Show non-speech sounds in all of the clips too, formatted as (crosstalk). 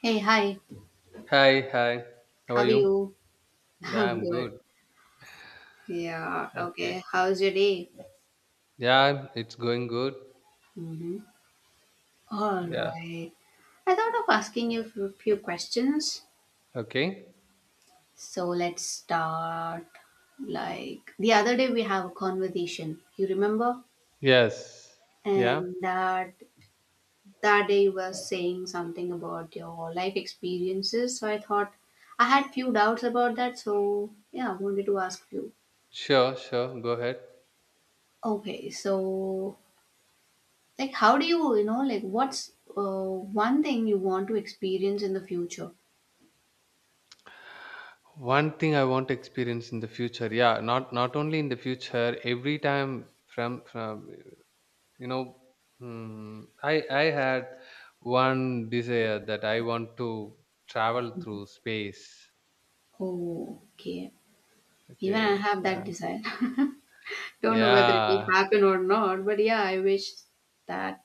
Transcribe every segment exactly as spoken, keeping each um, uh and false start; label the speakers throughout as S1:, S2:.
S1: Hey, hi.
S2: Hi, hi. How are
S1: How are
S2: you?
S1: you?
S2: Yeah,
S1: I'm
S2: I'm
S1: good.
S2: good.
S1: Yeah,
S2: Okay.
S1: okay. How's your day?
S2: Yeah, it's going good.
S1: Mm-hmm. All
S2: Yeah.
S1: right. I thought of asking you a few questions.
S2: Okay.
S1: So let's start. Like the other day, we have a conversation. You remember?
S2: Yes. Yeah.
S1: And that that day you were saying something about your life experiences. So I thought I had few doubts about that. So yeah, I wanted to ask you.
S2: Sure, sure. Go ahead.
S1: Okay, so, like, how do you, you know, like, what's uh, one thing you want to experience in the future?
S2: One thing I want to experience in the future. Yeah, not not only in the future, every time from from you know, mm, I I had one desire that I want to travel through space.
S1: Oh, okay. Even I
S2: Okay.
S1: have
S2: Yeah.
S1: that desire. (laughs) Don't know whether it
S2: Yeah.
S1: will happen or not, but yeah, I wish that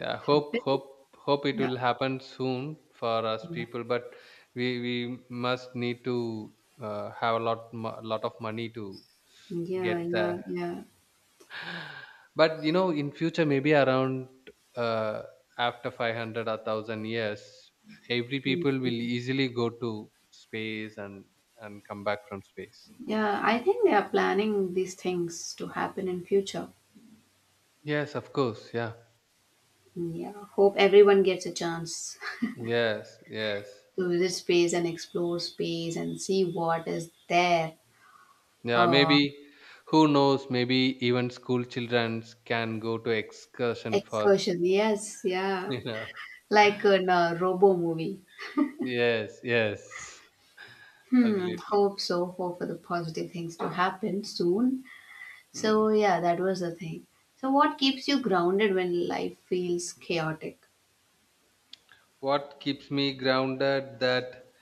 S2: Yeah, hope
S1: happened.
S2: hope hope it
S1: Yeah.
S2: will happen soon for us people, but we we must need to uh, have a lot mo- lot of money to
S1: Yeah,
S2: get
S1: yeah,
S2: there.
S1: yeah.
S2: But you know, in future maybe around uh, after five hundred or one thousand years every people will easily go to space and and come back from space.
S1: Yeah, I think they are planning these things to happen in future.
S2: Yes, of course, yeah.
S1: Yeah, hope everyone gets a chance
S2: Yes, yes.
S1: (laughs) to visit space and explore space and see what is there.
S2: Yeah,
S1: Uh,
S2: maybe who knows? Maybe even school children can go to excursion for
S1: Excursion, yes,
S2: (laughs)
S1: yeah.
S2: you know.
S1: Like in a robo movie.
S2: Yes, yes,
S1: Hmm,
S2: absolutely.
S1: hope so. Hope for the positive things to happen soon.
S2: Mm.
S1: So, yeah, that was the thing. So, what keeps you grounded when life feels chaotic?
S2: What keeps me grounded that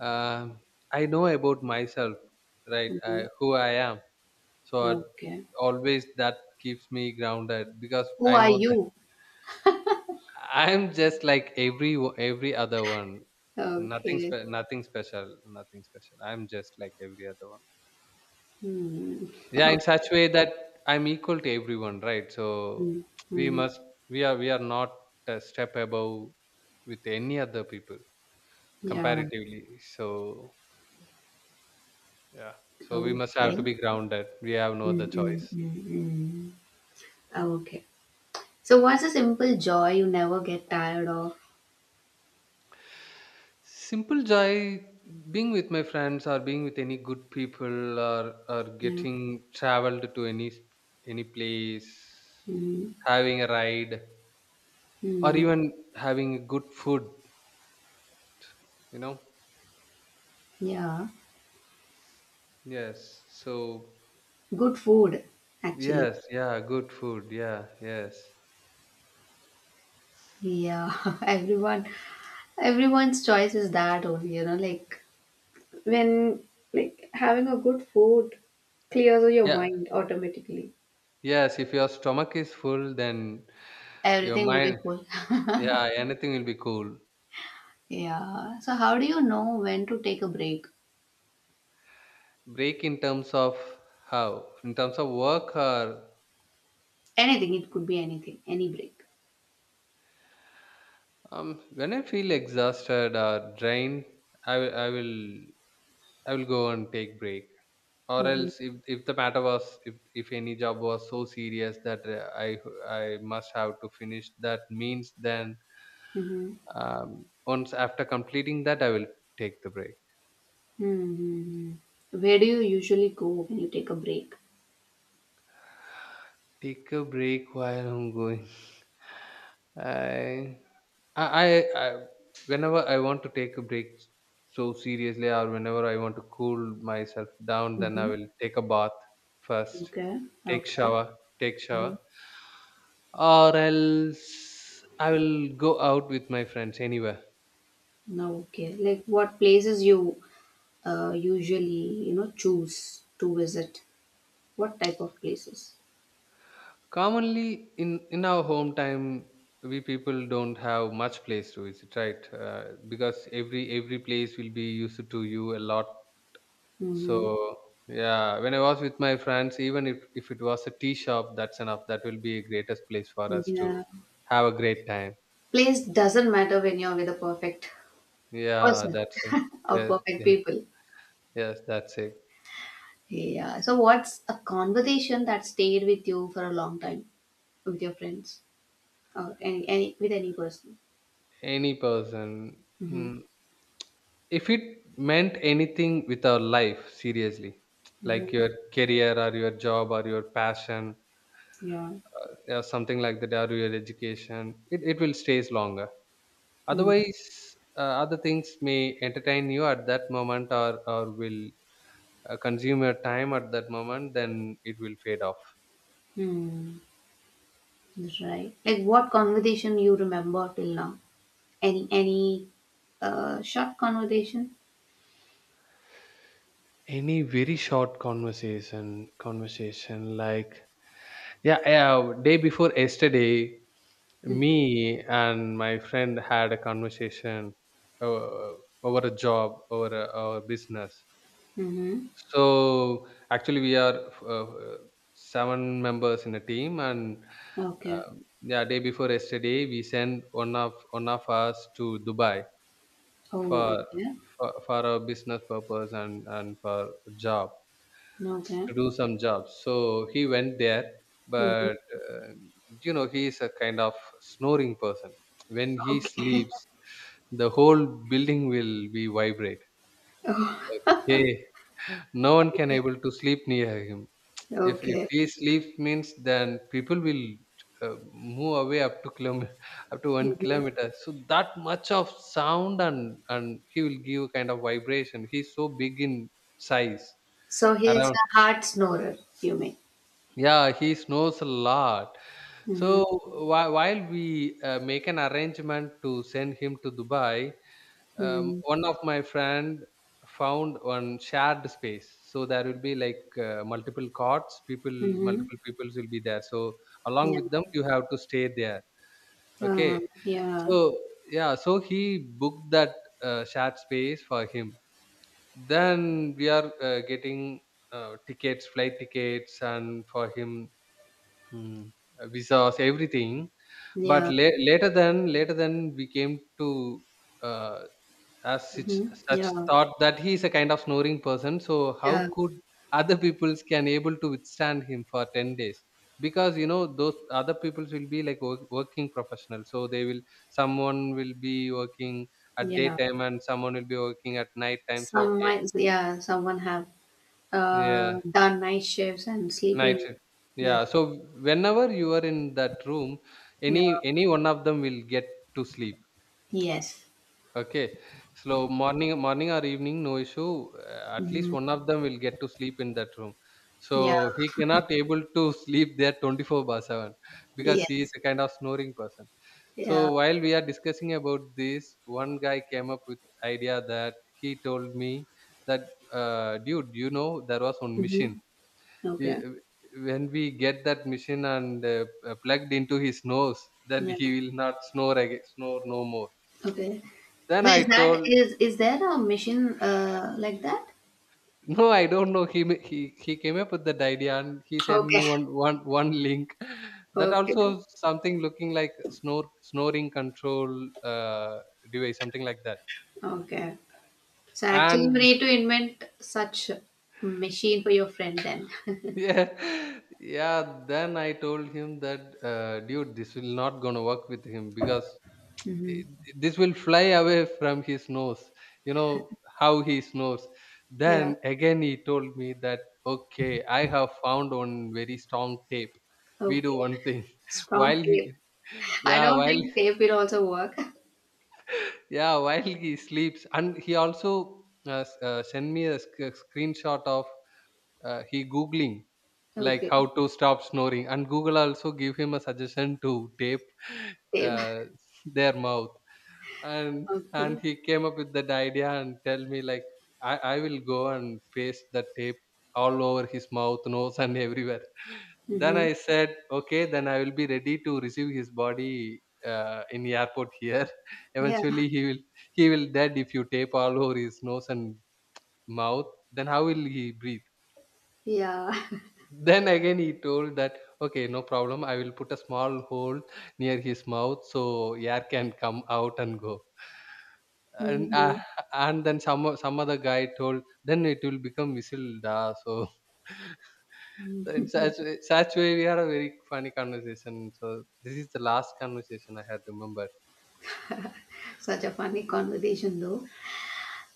S2: um, I know about myself, right?
S1: Hmm.
S2: I, who I am. So it-
S1: Okay.
S2: Always that keeps me grounded because
S1: Who
S2: I
S1: are
S2: know that
S1: you?
S2: (laughs) I'm just like every o- every other one. Nothing
S1: Okay.
S2: spe- nothing special, nothing special. I'm just like every other one.
S1: Hmm.
S2: Yeah, in
S1: (laughs)
S2: such way that I'm equal to everyone, right? So
S1: Okay.
S2: we
S1: Hmm.
S2: must, we are we are not a step above with any other people
S1: Yeah.
S2: comparatively. So yeah, so we must have to
S1: Okay.
S2: be grounded. We have no other
S1: Mm, mm,
S2: choice.
S1: mm, mm. Okay. So, what's a simple joy you never get tired of?
S2: Simple joy: being with my friends or being with any good people, or or
S1: Yeah.
S2: getting traveled to any any place,
S1: Mm,
S2: having a ride, or
S1: mm,
S2: even having good food, you know.
S1: yeah.
S2: Yes, so
S1: Good food, actually.
S2: yes, yeah, good food. Yeah, yes.
S1: Yeah, (laughs) everyone, everyone's choice is that only, you know, like when like having a good food clears your
S2: Yeah,
S1: mind automatically.
S2: yes. If your stomach is full, then your
S1: Everything will be
S2: mind,
S1: full. (laughs)
S2: yeah, anything will be cool.
S1: Yeah. So how do you know when to take a break?
S2: Break in terms of how? In terms of work or
S1: Anything, it could be anything, any break.
S2: um, when I feel exhausted or drained, I will, I will, I will go and take break. Or
S1: Mm-hmm.
S2: else if, if the matter was, if, if any job was so serious that uh, i i must have to finish that means, then
S1: Mm-hmm.
S2: um, once after completing that I will take the break.
S1: Mm-hmm. Where do you usually go when you take a break?
S2: Take a break while I'm going. (laughs) I, I i i whenever I want to take a break so seriously, or whenever I want to cool myself down, then I
S1: Mm-hmm.
S2: will take a bath first.
S1: Okay.
S2: Take
S1: Okay.
S2: shower, take
S1: Mm-hmm.
S2: shower. Or else I will go out with my friends anywhere.
S1: No, okay. Like what places you uh, usually, you know, choose to visit, what type of places?
S2: Commonly in in our home time, we people don't have much place to visit, right? Uh, because every every place will be used to you a lot.
S1: Hmm.
S2: So yeah, when I was with my friends, even if if it was a tea shop, that's enough. That will be a greatest place for us
S1: Yeah,
S2: to have a great time.
S1: place doesn't matter when you're with a perfect
S2: Yeah,
S1: person,
S2: that's it.
S1: (laughs) or
S2: Yes,
S1: perfect
S2: yes,
S1: people.
S2: yes, that's it.
S1: Yeah, so what's a conversation that stayed with you for a long time, with your friends or any, any with any person?
S2: Any person.
S1: Mm-hmm.
S2: Mm. If it meant anything with our life, seriously,
S1: Mm-hmm.
S2: like your career or your job or your passion,
S1: Yeah.
S2: uh, or something like that, or your education, it, it will stays longer. Otherwise, uh, other things may entertain you at that moment, or, or will uh, consume your time at that moment, then it will fade off.
S1: Mm-hmm. Right, like what conversation you remember till now, any any uh, short conversation.
S2: Any very short conversation, conversation like, yeah, yeah, day before yesterday, me and my friend had a conversation uh, over a job, over a, our business.
S1: Mm-hmm.
S2: So actually, we are uh, seven members in a team, and
S1: Okay.
S2: um, yeah, day before yesterday, we sent one of one of us to Dubai
S1: Oh,
S2: for
S1: okay.
S2: for, for our business purpose and and for job,
S1: Okay.
S2: to do some jobs. So he went there,
S1: Hmm.
S2: but uh, you know, he is a kind of snoring person. When he
S1: Okay. (laughs)
S2: sleeps, the whole building will be vibrate.
S1: Oh,
S2: Hey, no one can
S1: okay.
S2: able to sleep near him. If if
S1: Okay.
S2: he sleeps means, then people will uh, move away up to kilom- (laughs) up to one
S1: Hmm.
S2: kilometer. So that much of sound, and and he will give kind of vibration. He's so big in size
S1: So he's
S2: around.
S1: a hard snorer, you mean?
S2: Yeah, he snows a lot.
S1: Mm-hmm.
S2: So whi- while we uh, make an arrangement to send him to Dubai, um,
S1: Mm-hmm.
S2: one of my friend found one shared space. So there will be like uh, multiple cots. People,
S1: Mm-hmm.
S2: multiple peoples will be there. So along
S1: Yeah.
S2: with them, you have to stay there. Okay.
S1: Uh, yeah.
S2: So yeah. So he booked that uh, shared space for him. Then we are uh, getting uh, tickets, flight tickets, and for him, mm, uh, visas, everything. But
S1: Yeah.
S2: la- later than later than we came to uh, as such,
S1: Mm-hmm.
S2: such
S1: Yeah.
S2: thought that he is a kind of snoring person. So
S1: Yeah.
S2: how could other peoples can able to withstand him for ten days? Because you know, those other peoples will be like work, working professionals. So they will, someone will be working at
S1: Yeah.
S2: daytime and someone will be working at night time. So
S1: Some
S2: eh,
S1: might, yeah, someone have
S2: yeah,
S1: uh, done night shifts and
S2: night
S1: sleeping.
S2: shift.
S1: Yeah.
S2: Yeah. So whenever you are in that room,
S1: Yeah.
S2: any any one of them will get to sleep.
S1: Yes.
S2: Okay. So morning morning or evening, no issue. Uh, at least
S1: Mm-hmm.
S2: one of them will get to sleep in that room.
S1: Yeah.
S2: So he cannot able to sleep there twenty-four by seven because he is
S1: Yes.
S2: a kind of snoring person.
S1: Yeah.
S2: So while we are discussing about this, one guy came up with idea that he told me that uh, dude, you know, there was one machine
S1: Mm-hmm.
S2: we,
S1: Okay.
S2: when we get that machine and uh, uh, plugged into his nose, then
S1: Yeah.
S2: he will not snore again, snore no more.
S1: Okay.
S2: Then
S1: So
S2: I
S1: is that
S2: told
S1: is is there a machine uh, like that?
S2: (laughs) no, I don't know. he ma- he he came up with that idea, and he sent me
S1: Okay.
S2: one one one link (laughs) that also
S1: Okay.
S2: something looking like snore snoring control uh, device, something like that,
S1: Okay. So actually, you
S2: and
S1: need to invent such machine for your friend then. (laughs)
S2: (laughs) yeah yeah. Then I told him that uh, dude, this will not gonna work with him, because
S1: Hmm.
S2: it- this will fly away from his nose. You know how he snores.
S1: Yeah.
S2: Then again he told me that okay, I have found one very strong tape. We do
S1: Okay.
S2: one thing. (laughs)
S1: Strong
S2: While he,
S1: tape. I
S2: yeah,
S1: don't
S2: while
S1: think tape will also work. (laughs)
S2: yeah, while he sleeps, and he also uh, s- uh, sent me a, sc- a screenshot of uh, he googling like
S1: Okay.
S2: how to stop snoring, and google also give him a suggestion to tape (laughs)
S1: Tape.
S2: uh, their mouth, and and
S1: Okay.
S2: he came up with that idea and tell me like, I i will go and paste the tape all over his mouth, nose, and everywhere. Then
S1: Mm-hmm.
S2: I said okay, then I will be ready to receive his body uh, in airport here. (laughs)
S1: Yeah.
S2: Eventually he will, he will dead if you tape all over his nose and mouth. Then how will he breathe?
S1: Yeah.
S2: Then again he told that okay, no problem, I will put a small hole near his mouth so air can come out and go,
S1: (laughs)
S2: and uh,
S1: Mm-hmm.
S2: and then some o- some other guy told, then it will become whistle da. So, (laughs) so in such way- such way we had a very funny conversation. So this is the last conversation I had remembered.
S1: Such a funny conversation though.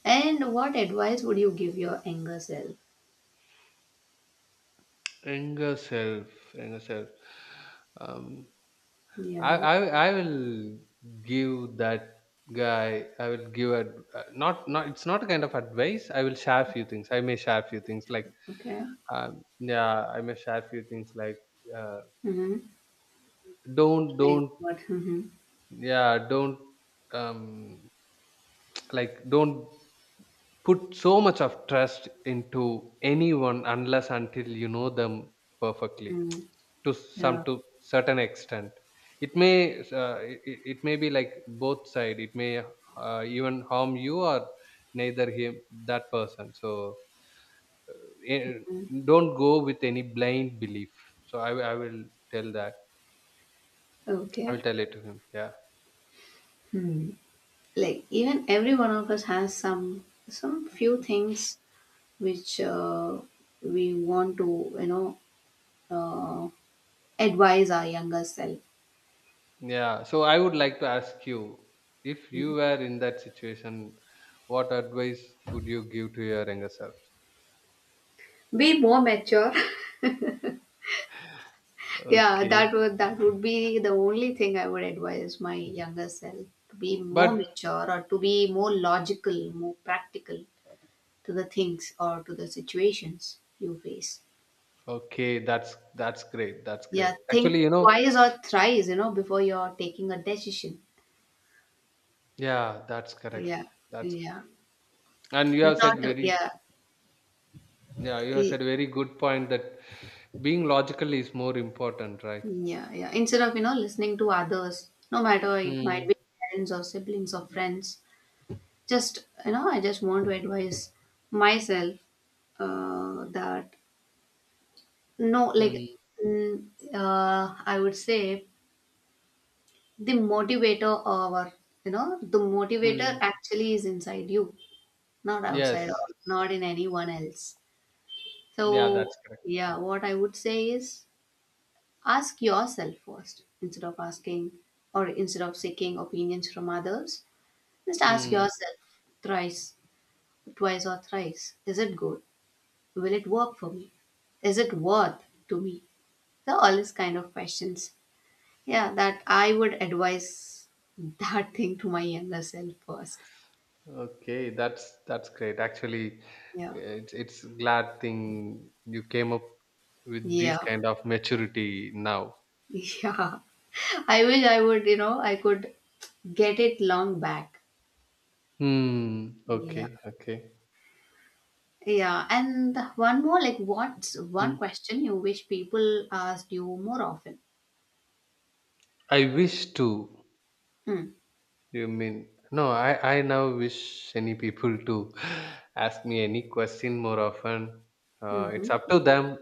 S1: And what advice would you give your younger self?
S2: Younger self, younger self. Um, I,
S1: Yeah.
S2: I I will give that guy. I will give a uh, not not. It's not a kind of advice. I will share few things. I may share few things like
S1: Okay.
S2: um, yeah. I may share few things like uh,
S1: Mm-hmm.
S2: don't
S1: Like
S2: don't
S1: what? Mhm.
S2: yeah, don't, um (tsk) like don't put so much of trust into anyone unless until you know them perfectly
S1: Mm.
S2: (tsk) to some,
S1: Yeah.
S2: to certain extent. It may uh, it, it it may be like, both side it may uh, even harm you or neither him, that person. So eh,
S1: Mm.
S2: don't go with any blind belief. So i, will- I will tell that, I will
S1: Okay.
S2: tell it to him. Yeah.
S1: Hmm. Like even every one of us has some some few things which uh, we want to, you know uh, advise our younger self.
S2: Yeah, so I would like to ask you, if you were in that situation, what advice would you give to your younger self?
S1: Be more mature. (laughs) Yeah, that
S2: Okay.
S1: would that would be the only thing I would advise my younger self to be more
S2: But
S1: mature, or to be more logical, more practical to the things or to the situations you face.
S2: okay, that's that's great. That's great.
S1: Yeah,
S2: Actually,
S1: think
S2: you know,
S1: twice or thrice, you know, before you're taking a decision.
S2: yeah, that's correct.
S1: Yeah,
S2: That's correct.
S1: yeah.
S2: And you have
S1: Not,
S2: said
S1: a-
S2: very,
S1: yeah,
S2: yeah, you have said
S1: y-
S2: very good point that being logical is more important, right?
S1: yeah, yeah. Instead of, you know, listening to others, no matter it might
S2: Hmm.
S1: be parents or siblings or friends, just, you know, I just want to advise myself uh, that no, like,
S2: Hmm.
S1: mm, uh, I would say the motivator or, you know, the motivator
S2: Hmm.
S1: actually is inside you, not outside or
S2: Yes.
S1: not in anyone else.
S2: Yeah,
S1: So,
S2: that's correct.
S1: yeah, what I would say is, ask yourself first, instead of asking or instead of seeking opinions from others. Just ask
S2: Hmm.
S1: yourself thrice, twice, or thrice. Is it good? Will it work for me? Is it worth to me? So, all these kind of questions. Yeah, that I would advise (laughs) that thing to my younger self first.
S2: Okay, that's that's great. Actually,
S1: Yeah,
S2: it's it's glad thing you came up with this
S1: yeah,
S2: kind of maturity now.
S1: (laughs) yeah. I wish I would, you know, I could get it long back.
S2: Hmm.
S1: Yeah.
S2: Okay. Okay.
S1: Yeah, and one more, like, what's
S2: Hmm.
S1: one question you wish people asked you more often?
S2: I wish to.
S1: Hmm.
S2: You mean no? I I now wish any people to (gasps) (sighs) ask me any question more often. Uh, it's up
S1: Mm-hmm.
S2: to them.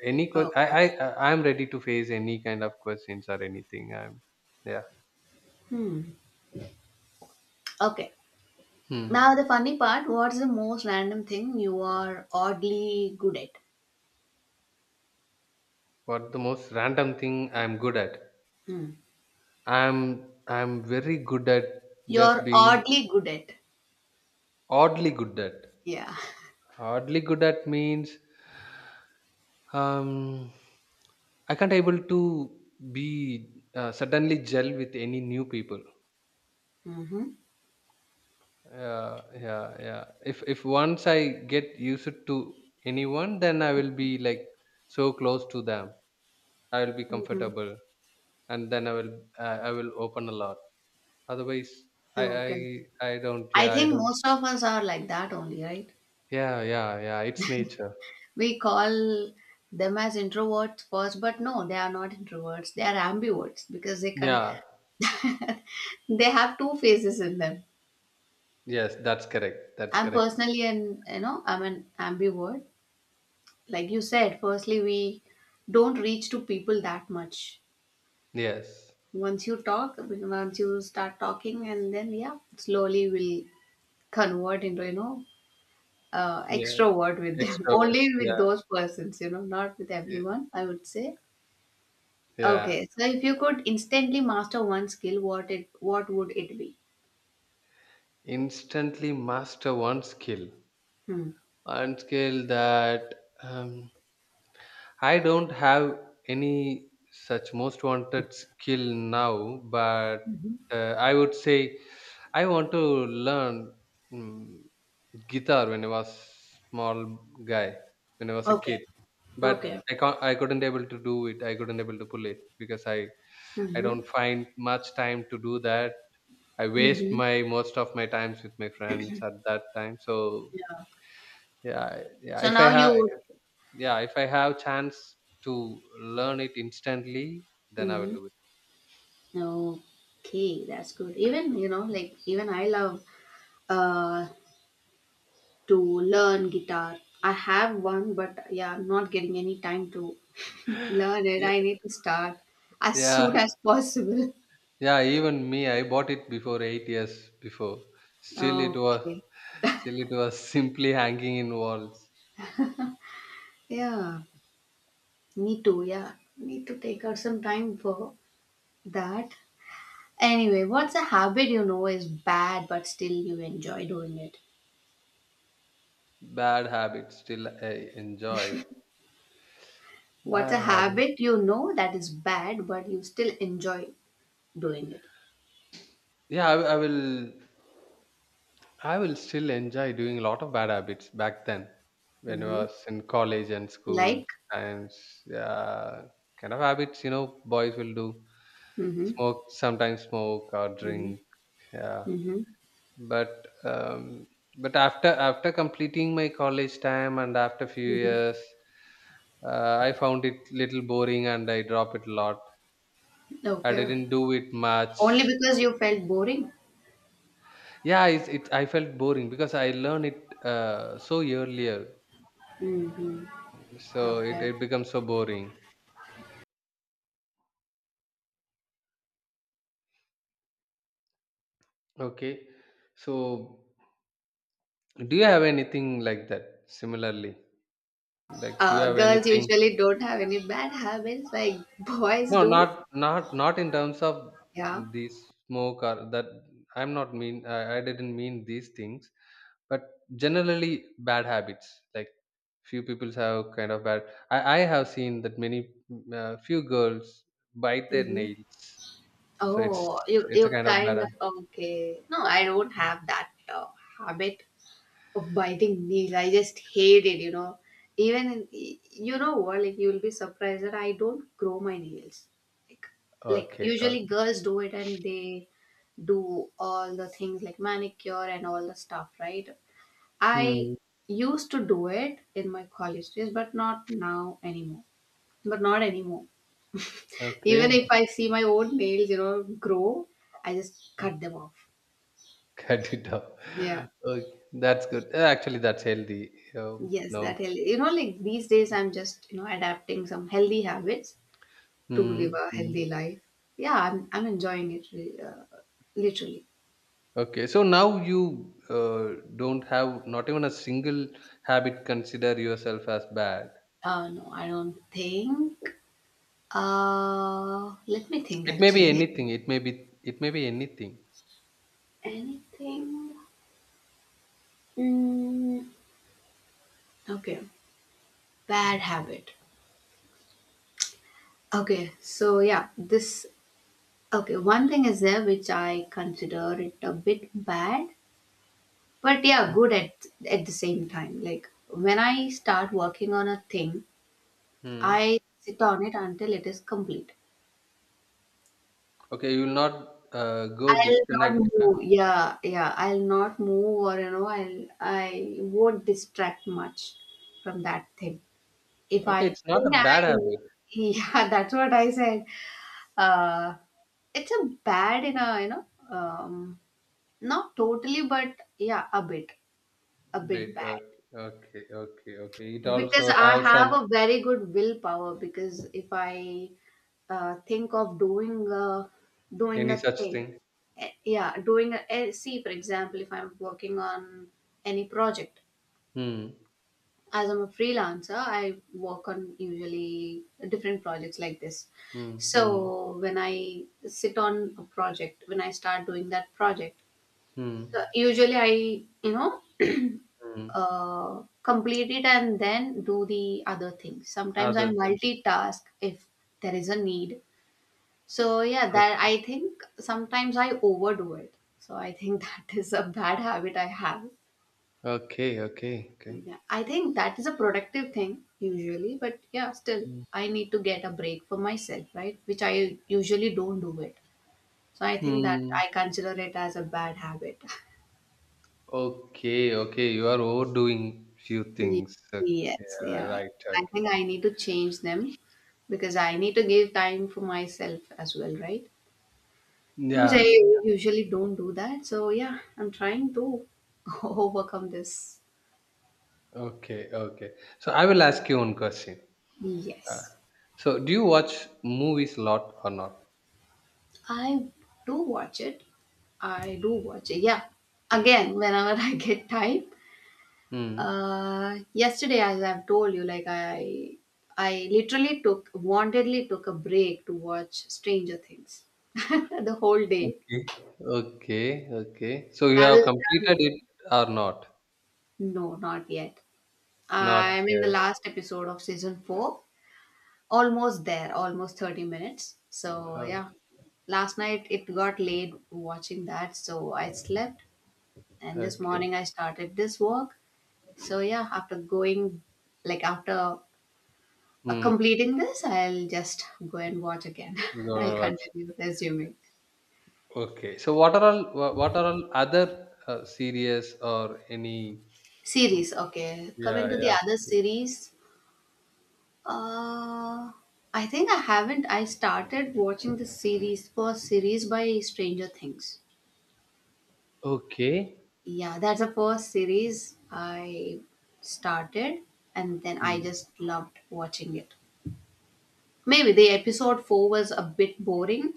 S2: Any que- I
S1: Okay.
S2: I I- I'm ready to face any kind of questions or anything. I'm yeah.
S1: Hmm. Okay.
S2: Hmm.
S1: Now the funny part, what's the most random thing you are oddly good at?
S2: What the most random thing I'm good at?
S1: Hmm.
S2: I'm I'm very good at just
S1: You're
S2: being
S1: oddly good at.
S2: oddly good at.
S1: Yeah.
S2: Oddly good at means um I can't able to be uh, suddenly gel with any new people.
S1: Mm-hmm.
S2: Yeah, yeah, yeah. If if once I get used to anyone, then I will be like so close to them. I will be
S1: Mm-hmm.
S2: comfortable, and then I will I I will open a lot. Otherwise, I I
S1: Okay.
S2: I don't.
S1: I
S2: Yeah, I
S1: think
S2: don't.
S1: most of us are like that only, right?
S2: Yeah, yeah, yeah. It's nature.
S1: We call them as introverts first, but no, they are not introverts. They are ambiverts because they can
S2: Yeah.
S1: (laughs) they have two faces in them.
S2: Yes, that's correct. That's
S1: I'm
S2: correct.
S1: personally an, you know I'm an ambivert. Like you said, firstly we don't reach to people that much.
S2: Yes.
S1: Once you talk, once you start talking, and then yeah, slowly we'll convert into, you know uh,
S2: Yeah.
S1: extrovert with them. (laughs) Only
S2: Extroverts.
S1: with
S2: Yeah.
S1: those persons, you know, not with
S2: y-
S1: everyone, I would say.
S2: Yeah.
S1: Okay, so if you could instantly master one skill, what it what would it be?
S2: Instantly master one skill.
S1: Hmm.
S2: One skill that um, I don't have any such most wanted skill now, but
S1: Mhm.
S2: uh, I would say I want to learn mm guitar when I was small guy, when I was a
S1: Okay.
S2: kid. But
S1: Okay.
S2: I can't. I couldn't able to do it. I couldn't able to pull it because I I
S1: Mm-hmm.
S2: don't find much time to do that. I waste
S1: Mm-hmm.
S2: my most of my times with my friends at that time. So
S1: Yeah.
S2: yeah, yeah.
S1: So
S2: If I
S1: now
S2: have,
S1: you.
S2: yeah, if I have chance to learn it instantly, then I will
S1: Mm-hmm.
S2: do it.
S1: Okay, that's good. Even, you know, like even I love uh to learn guitar. I have one, but yeah, I'm not getting any time to (laughs) learn it.
S2: Ye-
S1: I need to start as soon
S2: Yeah,
S1: as possible. (laughs)
S2: yeah. Even me, I bought it before eight years before. Still, it was
S1: Okay.
S2: still it was (laughs) simply hanging in walls.
S1: Yeah, me too. Yeah, need to take out some time for that. Anyway, what's a habit you know is bad, but still you enjoy doing it?
S2: Bad habit. Still, I enjoyed.
S1: What's a
S2: Bad habit.
S1: habit you know that is bad, but you still enjoy doing it?
S2: Yeah, I, I will. I will still enjoy doing a lot of bad habits back then when I
S1: Mhm.
S2: was in college and school
S1: Like?
S2: times. Yeah, kind of habits, you know, boys will do
S1: Mhm.
S2: smoke, sometimes smoke or
S1: Mhm.
S2: drink. Yeah,
S1: Mhm.
S2: but um, but after after completing my college time and after few
S1: Mhm.
S2: years, uh, I found it little boring and I dropped it a lot. I
S1: Okay.
S2: didn't do it
S1: Only
S2: much.
S1: because you felt boring?
S2: Yeah, it's it. I felt boring because I learned it uh, so earlier.
S1: Mhm.
S2: So it,
S1: Okay.
S2: it becomes so boring. Okay. So do you have anything like that similarly? Like do you
S1: Uh,
S2: have
S1: girls
S2: anything?
S1: usually don't have any bad habits like (laughs) boys
S2: No, not
S1: do.
S2: not not in terms of
S1: Yeah.
S2: the smoke or that I'm not mean I, I didn't mean these things, but generally bad habits. Like few people have kind of bad I, I have seen that many mm, uh, few girls bite their
S1: Mm-hmm.
S2: nails. So it's
S1: Oh, you
S2: it's
S1: you
S2: a kind of bad
S1: kind of
S2: ha-
S1: okay. No, I don't have that uh, habit of biting nail. I just hate it, you know. Even in, you know what, like you'll be surprised that I don't grow my nails. Like like
S2: okay. Okay.
S1: usually girls do it and they do all the things like manicure and all the stuff, right? I
S2: Hmm,
S1: used to do it in my college days, but not now anymore. But not anymore.
S2: okay.
S1: Even if I see my own nails, you know, grow, I just cut them off.
S2: Cut it off.
S1: Yeah.
S2: Okay, that's good. Uh, Actually, that's healthy. Um,
S1: Yes,
S2: no.
S1: that healthy. You know, like these days, I'm just you know adapting some healthy habits to live
S2: Mm,
S1: a
S2: mm.
S1: healthy life. Yeah, I'm I'm enjoying it re- uh, literally.
S2: Okay, so now you uh, don't have not even a single habit. Consider yourself as bad.
S1: Uh, no, I don't think. Uh, let me think
S2: It may be
S1: actually.
S2: anything. It may be it may be anything.
S1: (laughs) Anything? Mm, okay, bad habit. Okay, so yeah, this okay, one thing is there which I consider it a bit bad, but yeah,
S2: Mm.
S1: good at at the same time. Like when I start working on a thing,
S2: Mm.
S1: I sit on it until it is complete.
S2: Okay, you will not uh, go
S1: I'll not
S2: disconnect.
S1: move. Yeah, yeah, I'll not move, or, you know i'll i won't distract much from that thing, if I
S2: Okay, it's not
S1: think
S2: a bad
S1: I,
S2: habit.
S1: yeah. (laughs) That's what I said. uh it's a bad, in a, you know um not totally, but yeah, a bit a bit
S2: Bit.
S1: bad.
S2: Okay, okay, okay. okay. It
S1: Because
S2: also
S1: I
S2: have
S1: have
S2: some
S1: a very good willpower. Because if I uh, think of doing a, doing
S2: any
S1: a
S2: such
S1: thing,
S2: thing.
S1: eh, yeah, doing a eh, see, for example, if I'm working on any project,
S2: Hmm.
S1: as I'm a freelancer, I work on usually different projects like this.
S2: Hmm. Hmm.
S1: So when I sit on a project, when I start doing that project, so
S2: Hmm.
S1: usually I you know
S2: Hmm.
S1: uh, complete it and then do the other thing. Sometimes I
S2: Other than
S1: multitask if there is a need. So yeah, that
S2: okay,
S1: I think sometimes I overdo it. So I think (laughs) that is a bad habit I have.
S2: okay, okay, okay.
S1: Yeah, I think that is a productive thing usually, but yeah, still
S2: Mm.
S1: I need to get a break for myself, right? Which I usually don't do it. So I think that
S2: Hmm.
S1: I consider it as a bad habit.
S2: Okay, okay. You are overdoing few
S1: Ye
S2: things. Okay,
S1: Yes,
S2: uh,
S1: yeah.
S2: right.
S1: I
S2: Okay.
S1: think I need to change them, because I need to give time for myself as well, right? So which I
S2: Yeah.
S1: usually don't do that. So yeah, I'm trying to (laughs) overcome this.
S2: Okay. Okay. So I will ask you one question. Uh,
S1: Yes.
S2: so do you watch movies a lot or not?
S1: I do watch it. I do watch it. Yeah. Again, whenever (laughs) I get time.
S2: Hmm.
S1: Uh, yesterday, as I've told you, like I, I literally took, wantedly took a break to watch Stranger Things (laughs) the whole day.
S2: Okay. Okay. Okay. So you
S1: That
S2: have
S1: was
S2: completed
S1: done.
S2: it or not?
S1: No, not yet.
S2: Not
S1: I'm in the
S2: yet.
S1: last episode of season four. Almost there, almost 30 minutes. So,
S2: Uh,
S1: yeah. Last night it got late watching that, so I slept. And this
S2: okay.
S1: morning I started this work. So, yeah, after going, like, after uh,
S2: Hmm.
S1: completing this, I'll just go and watch again. (laughs)
S2: Go and
S1: I'll
S2: watch.
S1: continue resuming.
S2: Okay. So what are all wha what are all other uh, series or any mm,
S1: Series, okay.
S2: yeah,
S1: Coming to the
S2: yeah,
S1: other
S2: yeah.
S1: series, Uh, I think I haven't. I started watching the series, first series by Stranger Things.
S2: Okay.
S1: Yeah, that's the first series I started, and then I
S2: Mm.
S1: just loved watching it. Maybe the episode four was a bit boring,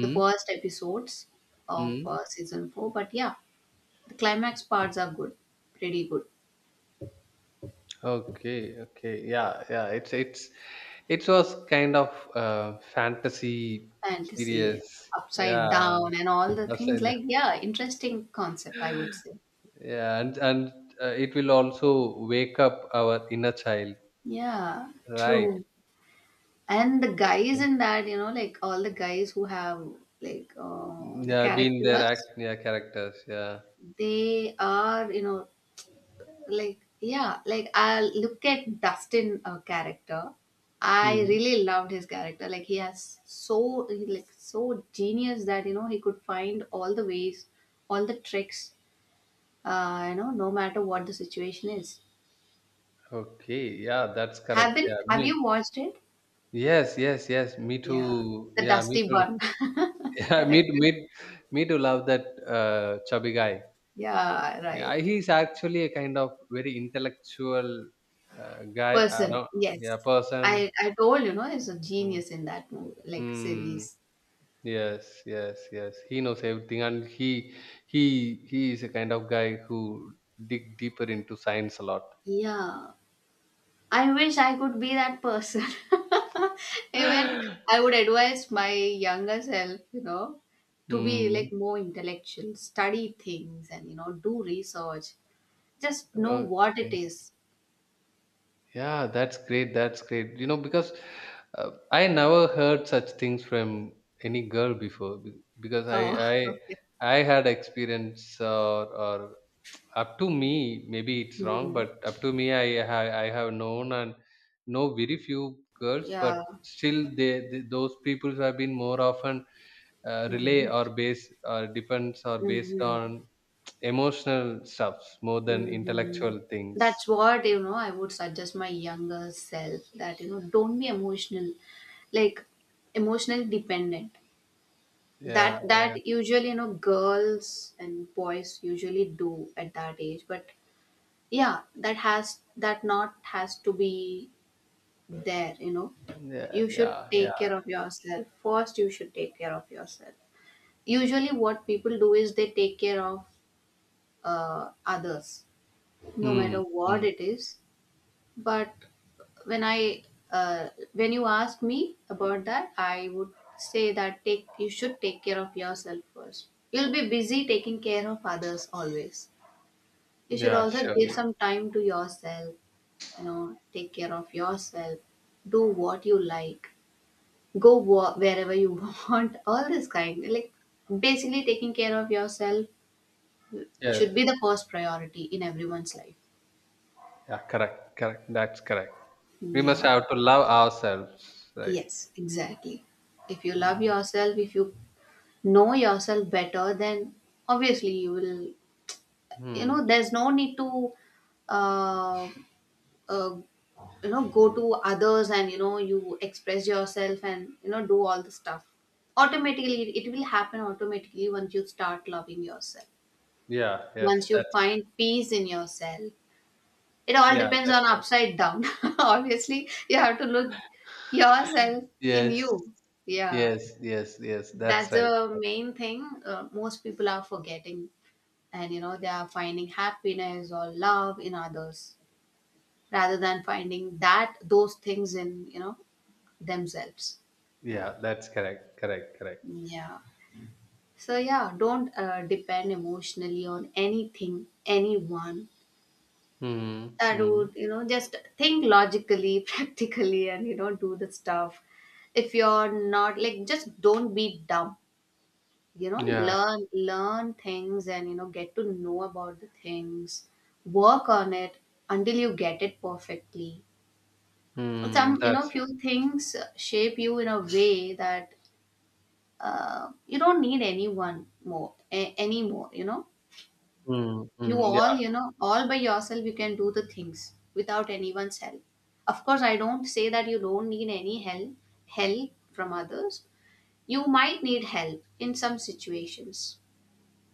S1: the first episodes of
S2: Mm.
S1: uh, season four, but yeah, the climax parts are good, pretty good.
S2: Okay, okay. Yeah, yeah. It's it's it was kind of uh, fantasy
S1: Fantasy,
S2: series.
S1: upside
S2: Yeah,
S1: down, and all the
S2: that's
S1: things,
S2: it.
S1: like, yeah, interesting concept, I would say.
S2: Yeah, and and uh, it will also wake up our inner child,
S1: Yeah,
S2: right?
S1: true. And the guys in that, you know like all the guys who have, like, uh, the
S2: Yeah, being their act
S1: characters,
S2: yeah characters. Yeah.
S1: they are, you know like, yeah, like I look at Dustin uh, character. I
S2: Mm.
S1: really loved his character. Like, he has so, he like so genius that, you know he could find all the ways, all the tricks, uh, you know no matter what the situation is.
S2: Okay. Yeah, that's
S1: Have
S2: correct.
S1: been
S2: Yeah.
S1: have
S2: Me
S1: you watched it?
S2: yes, yes, yes. Me
S1: Yeah,
S2: too.
S1: the
S2: Yeah, me
S1: Dusty
S2: too.
S1: Bun
S2: (laughs)
S1: (laughs)
S2: Yeah, me too.
S1: character.
S2: Me, me too. Love that uh, chubby guy.
S1: Yeah,
S2: Yeah,
S1: right.
S2: he's actually a kind of very intellectual uh, guy.
S1: Person,
S2: Around, yeah,
S1: yes.
S2: person.
S1: I I told, you know he's a
S2: Mm,
S1: genius in that movie, like,
S2: mm,
S1: series.
S2: yes, yes, yes. He knows everything, and he he he is a kind of guy who dig deeper into science a lot.
S1: Yeah, I wish I could be that person. (laughs) Even
S2: (gasps)
S1: I would
S2: (laughs)
S1: advise my younger self, you know, to be
S2: mm,
S1: like more intellectual, study things, and, you know, do research. Just know what it
S2: okay.
S1: is.
S2: Yeah, that's great. That's great. You know, because uh, I never heard such things from any girl before. be- Because I
S1: Oh,
S2: I
S1: (laughs) okay.
S2: I had experience or or up to me, maybe it's wrong,
S1: Mm,
S2: but up to me, I ha- I have known and know very few girls, but
S1: yeah.
S2: still they, they, those people have been more often uh, relay
S1: Mm-hmm.
S2: or base or depends or based
S1: Mm-hmm.
S2: on emotional stuffs more than
S1: Mhm.
S2: intellectual things.
S1: That's what, you know, I would suggest my younger self, that, you know, don't be emotional, like emotionally dependent.
S2: Yeah,
S1: That that
S2: yeah.
S1: usually, you know, girls and boys usually do at that age. But yeah, that has, that not has to be there, you know.
S2: Yeah,
S1: You should
S2: yeah,
S1: take
S2: yeah.
S1: care of yourself. First, you should take care of yourself. Usually what people do is they take care of uh, others, no
S2: Hmm.
S1: matter what
S2: Mm.
S1: it is. But when I, uh, when you ask me about that, I would say that take, you should take care of yourself first. You'll be busy taking care of others always. You should
S2: Yeah,
S1: also
S2: sure.
S1: give some time to yourself. You know, take care of yourself. Do what you like. Go wa- wherever you (laughs) want. All this kind, like, basically taking care of yourself
S2: Yes.
S1: should be the first priority in everyone's life.
S2: Yeah, correct. Correct. That's correct. We must
S1: Yeah.
S2: have to love ourselves, right?
S1: Yes, exactly. If you love
S2: Hmm.
S1: yourself, if you know yourself better, then obviously you will, you
S2: Mm.
S1: know, there's no need to uh, uh, you know, go to others and, you know, you express yourself and, you know, do all the stuff. Automatically, it will happen automatically once you start loving yourself,
S2: Yeah, yes,
S1: once you
S2: that's
S1: find peace in yourself. It all
S2: yeah,
S1: depends
S2: that's
S1: on
S2: right.
S1: upside down. (laughs) Obviously, you have to look yourself in
S2: Yes.
S1: you, yeah.
S2: Yes, yes, yes, that's
S1: That's
S2: right.
S1: the
S2: That's,
S1: main thing uh, most people are forgetting, and you know, they are finding happiness or love in others rather than finding that, those things in, you know, themselves,
S2: yeah, that's correct. Correct, correct.
S1: yeah. So yeah, don't uh, depend emotionally on anything, anyone.
S2: Hmm.
S1: That
S2: Hmm.
S1: would, you know, just think logically, (laughs) practically, and you know, do the stuff. If you're not, like, just don't be dumb, you know.
S2: Yeah.
S1: Learn learn things and, you know, get to know about the things. Work on it until you get it perfectly.
S2: Hmm.
S1: Some, you
S2: That's
S1: know, few
S2: right.
S1: things shape you in a way that uh, you don't need anyone more a- anymore, you know.
S2: Hmm.
S1: You,
S2: Mm. Yeah,
S1: all, you know, all by yourself, you can do the things without anyone's help. Of course, I don't say that you don't need any help, help from others. You might need help in some situations.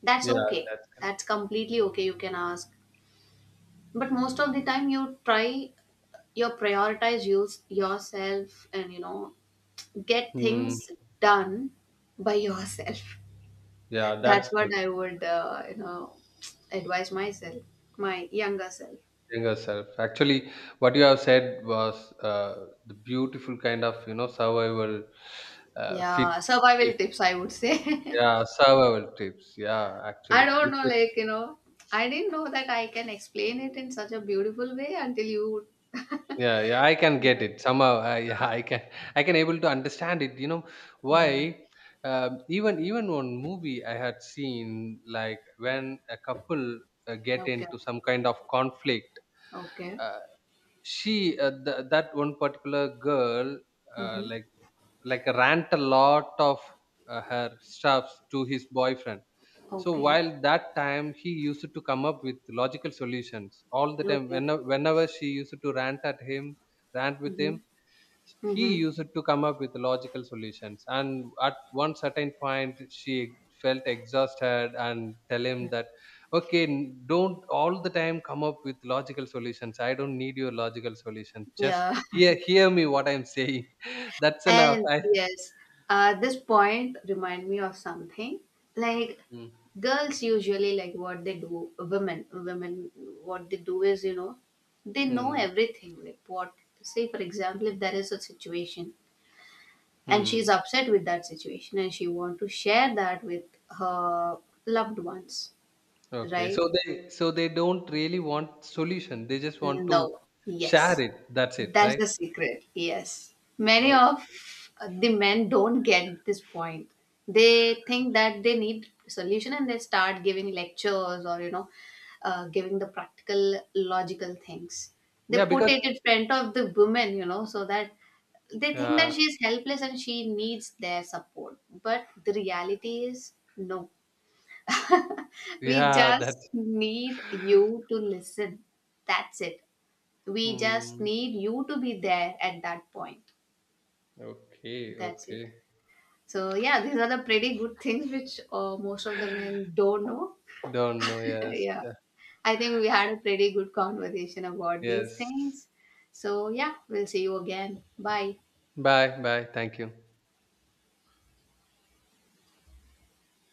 S1: That's
S2: yeah,
S1: okay.
S2: that's
S1: That's completely okay. You can ask. But most of the time, you try, you prioritize, use yourself and, you know, get
S2: hmm.
S1: things done by yourself.
S2: Yeah,
S1: (laughs)
S2: that's
S1: That's what
S2: good.
S1: I would, uh, you know, advise myself, my younger self.
S2: Younger self actually what you have said was uh, the beautiful kind of you know survival uh, fit,
S1: Yeah,
S2: fit
S1: survival tips, I would say.
S2: yeah survival tips yeah
S1: (laughs) I
S2: actually
S1: don't
S2: it,
S1: know,
S2: it,
S1: like, you know, I didn't know that I can explain it in such a beautiful way until you.
S2: yeah yeah I can get it somehow I, (laughs) yeah, i can I can able to understand it you know
S1: Mm.
S2: why um, even even one movie I had seen like when a couple uh, get
S1: Okay,
S2: into some kind of conflict
S1: okay.
S2: uh, she uh, th- that one particular girl uh,
S1: Mm-hmm.
S2: like like rant a lot of uh, her stuffs to his boyfriend so
S1: Okay,
S2: while that time he used to come up with logical solutions all the time
S1: okay.
S2: whenever, whenever she used to rant at him rant with him
S1: Mm-hmm.
S2: he
S1: Mm-hmm.
S2: used to come up with logical solutions and at one certain point she felt exhausted and tell him that okay n- don't all the time come up with logical solutions I don't need your logical solutions just
S1: Yeah.
S2: hear hear me what I'm saying (laughs) that's enough
S1: And
S2: I
S1: yes, uh, this point remind me of something. Like,
S2: hmm.
S1: girls usually, like, what they do. Women, women, what they do is, you know, they know
S2: Hmm.
S1: everything. Like, what, say for example, if there is a situation and she's
S2: Mm.
S1: upset with that situation and she want to share that with her loved ones,
S2: Okay,
S1: right?
S2: so they so they don't really want solution. They just want to
S1: No.
S2: share
S1: Yes.
S2: it. That's it,
S1: That's
S2: right?
S1: the secret. Yes. Many
S2: Uh,
S1: of the men don't get this point. They think that they need solution, and they start giving lectures or, you know, uh, giving the practical logical things.
S2: yeah,
S1: They put
S2: because
S1: it in front of the woman, you know, so that they think
S2: yeah,
S1: that she is helpless and she needs their support. But the reality is no. We
S2: yeah, (laughs)
S1: just
S2: that's
S1: need you to listen. That's it. We just
S2: hmm.
S1: need you to be there at that point.
S2: Okay,
S1: That's it.
S2: okay.
S1: So yeah, these are the pretty good (laughs) things which uh, most of the men don't know.
S2: Don't know.
S1: (laughs)
S2: Yes,
S1: Yeah,
S2: yeah,
S1: I think we had a pretty good conversation about these
S2: yes.
S1: things. So yeah, we'll see you again. Bye.
S2: Bye, bye. Thank you.